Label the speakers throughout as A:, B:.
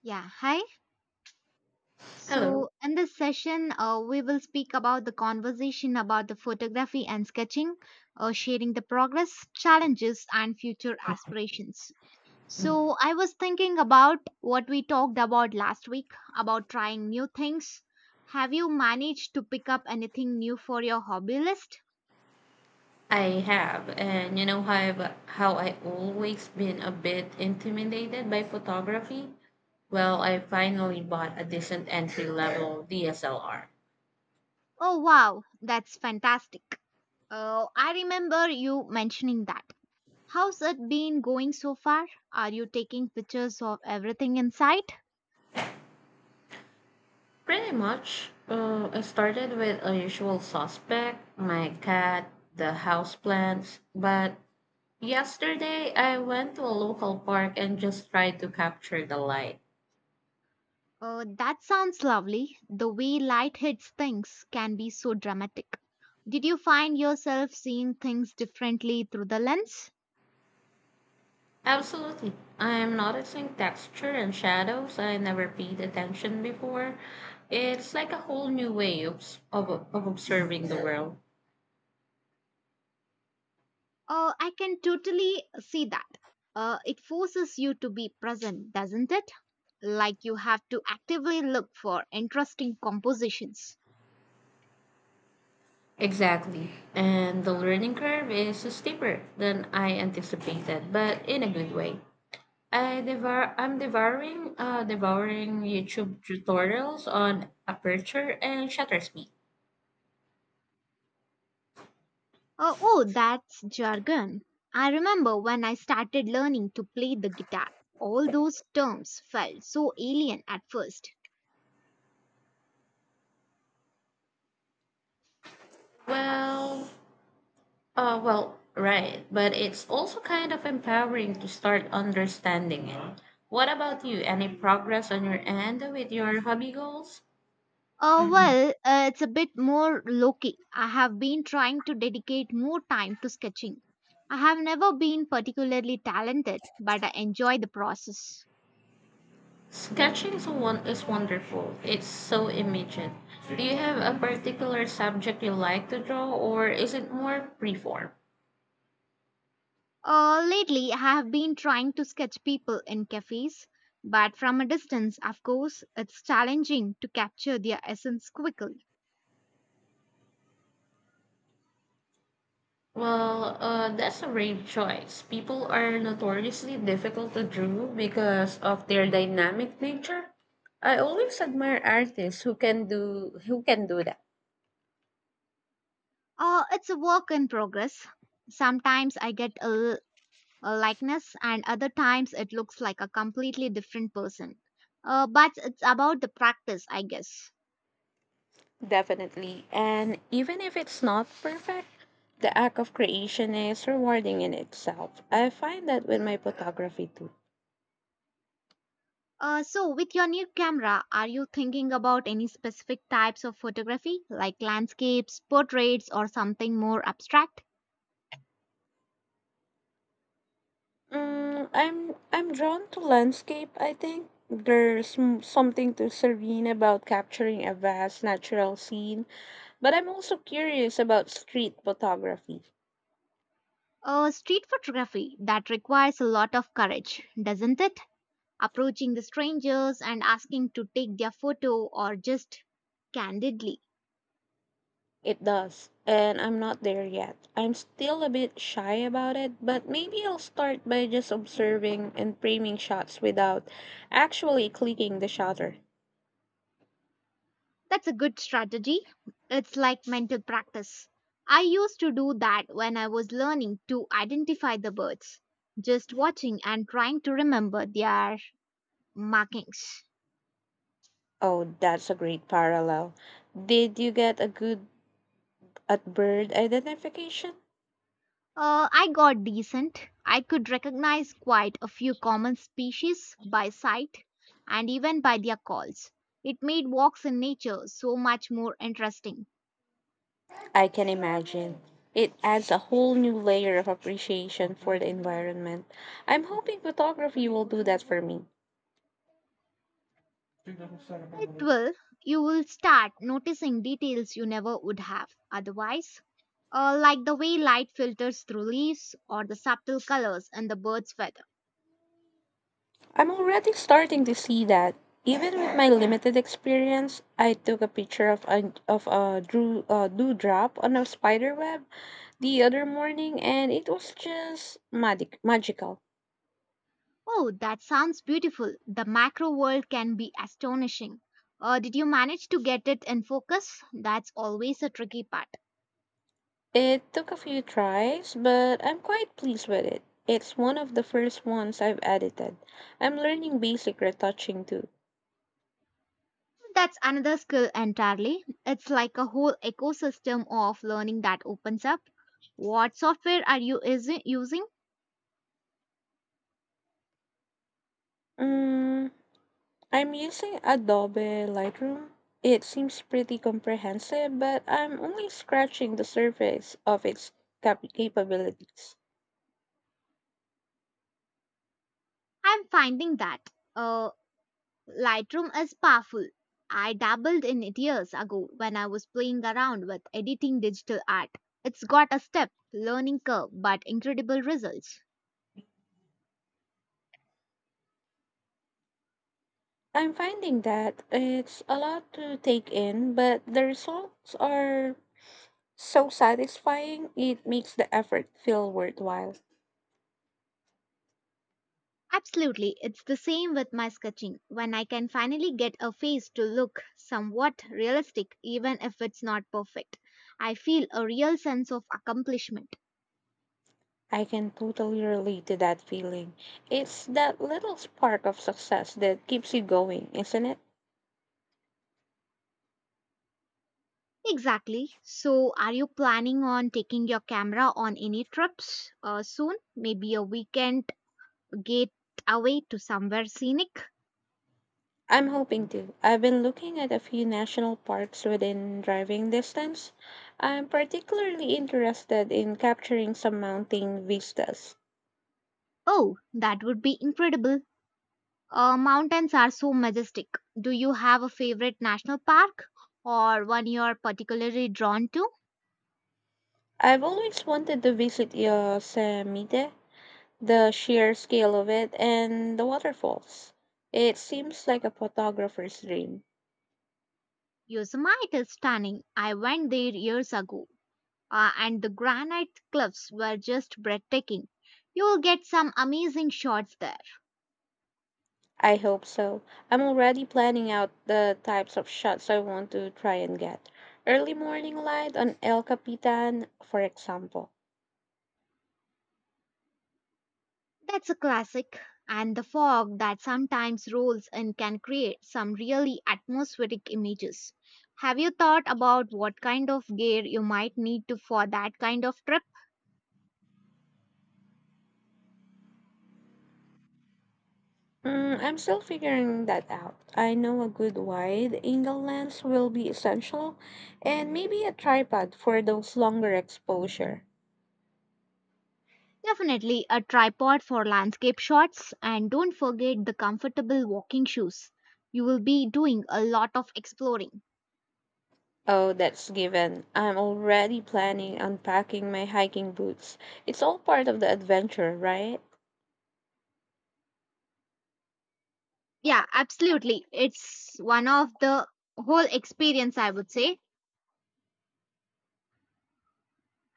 A: Yeah, hi.
B: Hello.
A: So, in this session, we will speak about the conversation about the photography and sketching, sharing the progress, challenges, and future aspirations. So, I was thinking about what we talked about last week about trying new things. Have you managed to pick up anything new for your hobby list?
B: I have, and you know how I always been a bit intimidated by photography. Well, I finally bought a decent entry level DSLR.
A: Oh, wow, that's fantastic. I remember you mentioning that. How's it been going so far? Are you taking pictures of everything in sight?
B: Pretty much, I started with a usual suspect, my cat, the houseplants, but yesterday I went to a local park and just tried to capture the light.
A: That sounds lovely. The way light hits things can be so dramatic. Did you find yourself seeing things differently through the lens?
B: Absolutely. I am noticing texture and shadows I never paid attention before. It's like a whole new way of observing the world.
A: I can totally see that. It forces you to be present, doesn't it? Like you have to actively look for interesting compositions.
B: Exactly. And the learning curve is steeper than I anticipated, but in a good way. I'm devouring YouTube tutorials on aperture and shutter speed.
A: Oh, that's jargon. I remember when I started learning to play the guitar. All those terms felt so alien at first.
B: Well, right. But it's also kind of empowering to start understanding it. What about you? Any progress on your end with your hobby goals?
A: Oh, well, it's a bit more low key. I have been trying to dedicate more time to sketching. I have never been particularly talented, but I enjoy the process.
B: Sketching is wonderful. It's so immediate. Do you have a particular subject you like to draw, or is it more preform?
A: Lately, I have been trying to sketch people in cafes, but from a distance, of course, it's challenging to capture their essence quickly.
B: Well, that's a brave choice. People are notoriously difficult to draw because of their dynamic nature. I always admire artists who can do that.
A: It's a work in progress. Sometimes I get a likeness, and other times it looks like a completely different person. But it's about the practice, I guess.
B: Definitely. And even if it's not perfect, the act of creation is rewarding in itself. I find that with my photography too.
A: So, with your new camera, are you thinking about any specific types of photography, like landscapes, portraits, or something more abstract?
B: I'm drawn to landscape, I think. There's something to serene about capturing a vast natural scene, but I'm also curious about street photography.
A: Street photography that requires a lot of courage, doesn't it? Approaching the strangers and asking to take their photo or just candidly.
B: It does, and I'm not there yet. I'm still a bit shy about it, but maybe I'll start by just observing and framing shots without actually clicking the shutter.
A: That's a good strategy. It's like mental practice. I used to do that when I was learning to identify the birds, just watching and trying to remember their markings.
B: Oh, that's a great parallel. Did you get a good at bird identification?
A: I got decent. I could recognize quite a few common species by sight and even by their calls. It made walks in nature so much more interesting.
B: I can imagine. It adds a whole new layer of appreciation for the environment. I'm hoping photography will do that for me.
A: It will, you will start noticing details you never would have otherwise, like the way light filters through leaves or the subtle colors in the bird's feather.
B: I'm already starting to see that. Even with my limited experience, I took a picture of a drew dewdrop on a spider web the other morning, and it was just magical.
A: Oh, that sounds beautiful. The macro world can be astonishing. Did you manage to get it in focus? That's always a tricky part.
B: It took a few tries, but I'm quite pleased with it. It's one of the first ones I've edited. I'm learning basic retouching too.
A: That's another skill entirely. It's like a whole ecosystem of learning that opens up. What software are you using?
B: Mm, I'm using Adobe Lightroom. It seems pretty comprehensive, but I'm only scratching the surface of its capabilities.
A: I'm finding that uh, Lightroom is powerful. I dabbled in it years ago when I was playing around with editing digital art. It's got a step learning curve but incredible results.
B: I'm finding that it's a lot to take in, but the results are so satisfying, it makes the effort feel worthwhile.
A: Absolutely, it's the same with my sketching. When I can finally get a face to look somewhat realistic, even if it's not perfect, I feel a real sense of accomplishment.
B: I can totally relate to that feeling. It's that little spark of success that keeps you going, isn't it?
A: Exactly. So, are you planning on taking your camera on any trips soon? Maybe a weekend get away to somewhere scenic?
B: I'm hoping to. I've been looking at a few national parks within driving distance. I'm particularly interested in capturing some mountain vistas.
A: Oh, that would be incredible. Mountains are so majestic. Do you have a favorite national park or one you're particularly drawn to?
B: I've always wanted to visit Yosemite, the sheer scale of it, and the waterfalls. It seems like a photographer's dream.
A: Yosemite is stunning. I went there years ago, and the granite cliffs were just breathtaking. You'll get some amazing shots there.
B: I hope so. I'm already planning out the types of shots I want to try and get. Early morning light on El Capitan, for example.
A: That's a classic. And the fog that sometimes rolls in can create some really atmospheric images. Have you thought about what kind of gear you might need to for that kind of trip?
B: I'm still figuring that out. I know a good wide angle lens will be essential, and maybe a tripod for those longer exposure.
A: Definitely a tripod for landscape shots and don't forget the comfortable walking shoes. You will be doing a lot of exploring.
B: Oh, that's given. I'm already planning on packing my hiking boots. It's all part of the adventure, right?
A: Yeah, absolutely. It's one of the whole experience, I would say.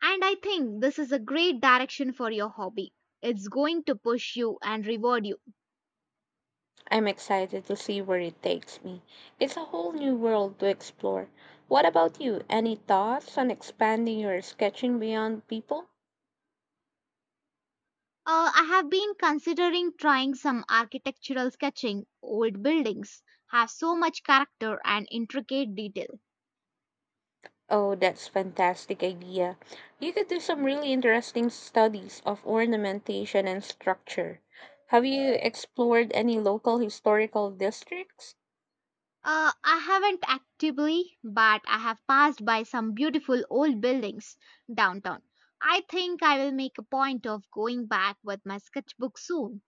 A: And I think this is a great direction for your hobby. It's going to push you and reward you.
B: I'm excited to see where it takes me. It's a whole new world to explore. What about you? Any thoughts on expanding your sketching beyond people?
A: I have been considering trying some architectural sketching. Old buildings have so much character and intricate detail.
B: Oh, that's fantastic idea. You could do some really interesting studies of ornamentation and structure. Have you explored any local historical districts?
A: I haven't actively, but I have passed by some beautiful old buildings downtown. I think I will make a point of going back with my sketchbook soon.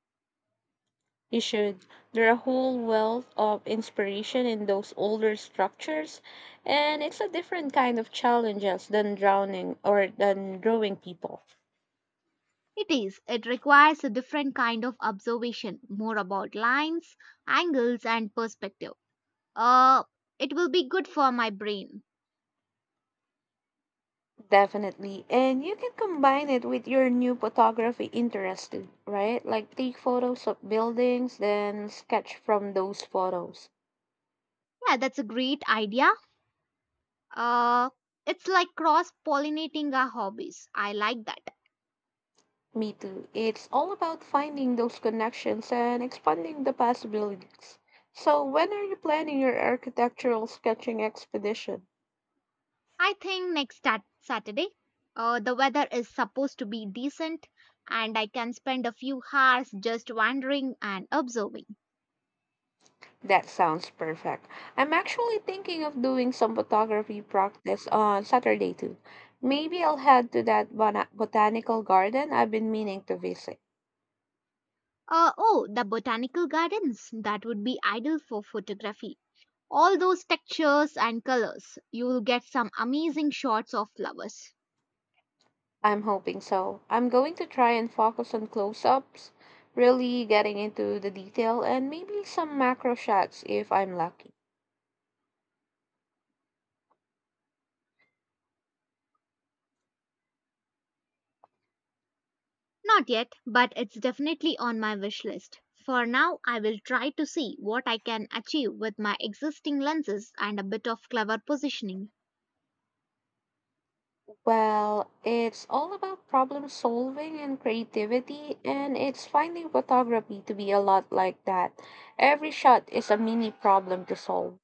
B: You should. There are a whole wealth of inspiration in those older structures, and it's a different kind of challenges than drowning or than drawing people.
A: It is. It requires a different kind of observation, more about lines, angles, and perspective. Uh, it will be good for my brain.
B: Definitely. And you can combine it with your new photography interest, right? Like take photos of buildings, then sketch from those photos.
A: Yeah, that's a great idea. Uh, it's like cross pollinating our hobbies. I like that.
B: Me too. It's all about finding those connections and expanding the possibilities. So, when are you planning your architectural sketching expedition?
A: I think next Saturday, the weather is supposed to be decent and I can spend a few hours just wandering and observing.
B: That sounds perfect. I'm actually thinking of doing some photography practice on Saturday too. Maybe I'll head to that botanical garden I've been meaning to visit.
A: Oh, the botanical gardens. That would be ideal for photography. All those textures and colors. You'll get some amazing shots of flowers.
B: I'm hoping so. I'm going to try and focus on close ups, really getting into the detail, and maybe some macro shots if I'm lucky.
A: Not yet, but it's definitely on my wish list. For now, I will try to see what I can achieve with my existing lenses and a bit of clever positioning.
B: Well, it's all about problem solving and creativity, and it's finding photography to be a lot like that. Every shot is a mini problem to solve.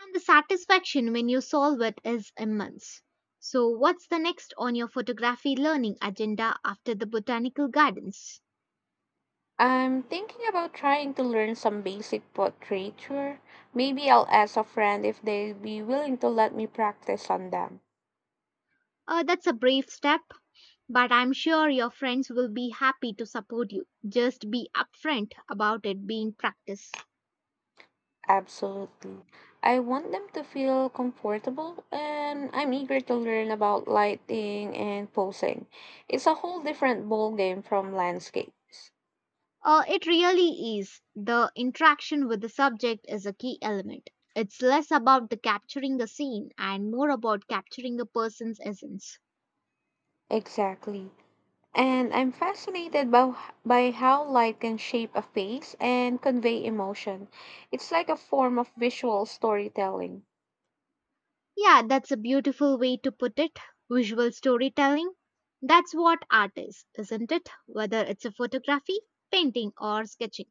A: And the satisfaction when you solve it is immense. So, what's the next on your photography learning agenda after the botanical gardens?
B: I'm thinking about trying to learn some basic portraiture. Maybe I'll ask a friend if they'd be willing to let me practice on them.
A: That's a brave step, but I'm sure your friends will be happy to support you. Just be upfront about it being practice.
B: Absolutely. I want them to feel comfortable and I'm eager to learn about lighting and posing. It's a whole different ballgame from landscapes.
A: It really is. The interaction with the subject is a key element. It's less about the capturing a scene and more about capturing a person's essence.
B: Exactly. And I'm fascinated by how light can shape a face and convey emotion. It's like a form of visual storytelling.
A: Yeah, that's a beautiful way to put it. Visual storytelling. That's what art is, isn't it? Whether it's a photography, painting, or sketching.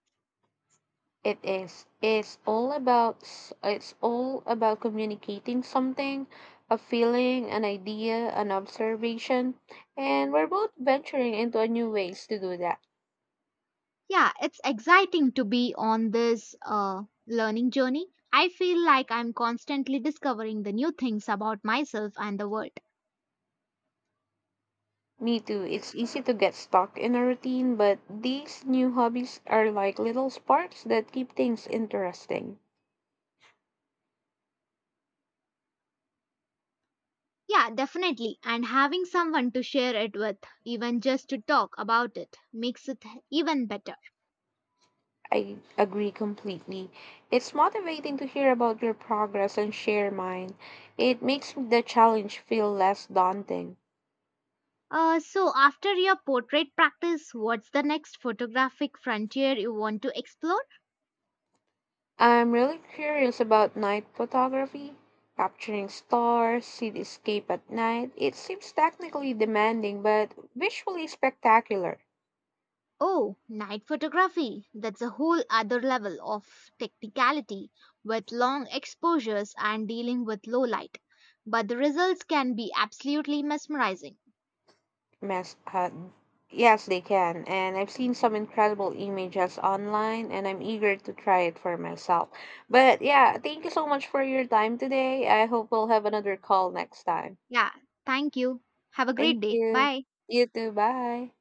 B: It is. It's all about communicating something, a feeling, an idea, an observation, and we're both venturing into a new ways to do that.
A: Yeah, it's exciting to be on this learning journey. I feel like I'm constantly discovering the new things about myself and the world.
B: Me too. It's easy to get stuck in a routine, but these new hobbies are like little sparks that keep things interesting.
A: Yeah, definitely. And having someone to share it with, even just to talk about it, makes it even better.
B: I agree completely. It's motivating to hear about your progress and share mine. It makes the challenge feel less daunting.
A: So, after your portrait practice, what's the next photographic frontier you want to explore?
B: I'm really curious about night photography, capturing stars, cityscape at night. It seems technically demanding, but visually spectacular.
A: Oh, night photography. That's a whole other level of technicality with long exposures and dealing with low light. But the results can be absolutely mesmerizing.
B: Mas- uh, yes, they can. And I've seen some incredible images online, and I'm eager to try it for myself. But yeah, thank you so much for your time today. I hope we'll have another call next time.
A: Yeah, thank you. Have a great
B: Thank
A: day.
B: you.
A: Bye.
B: You too. Bye.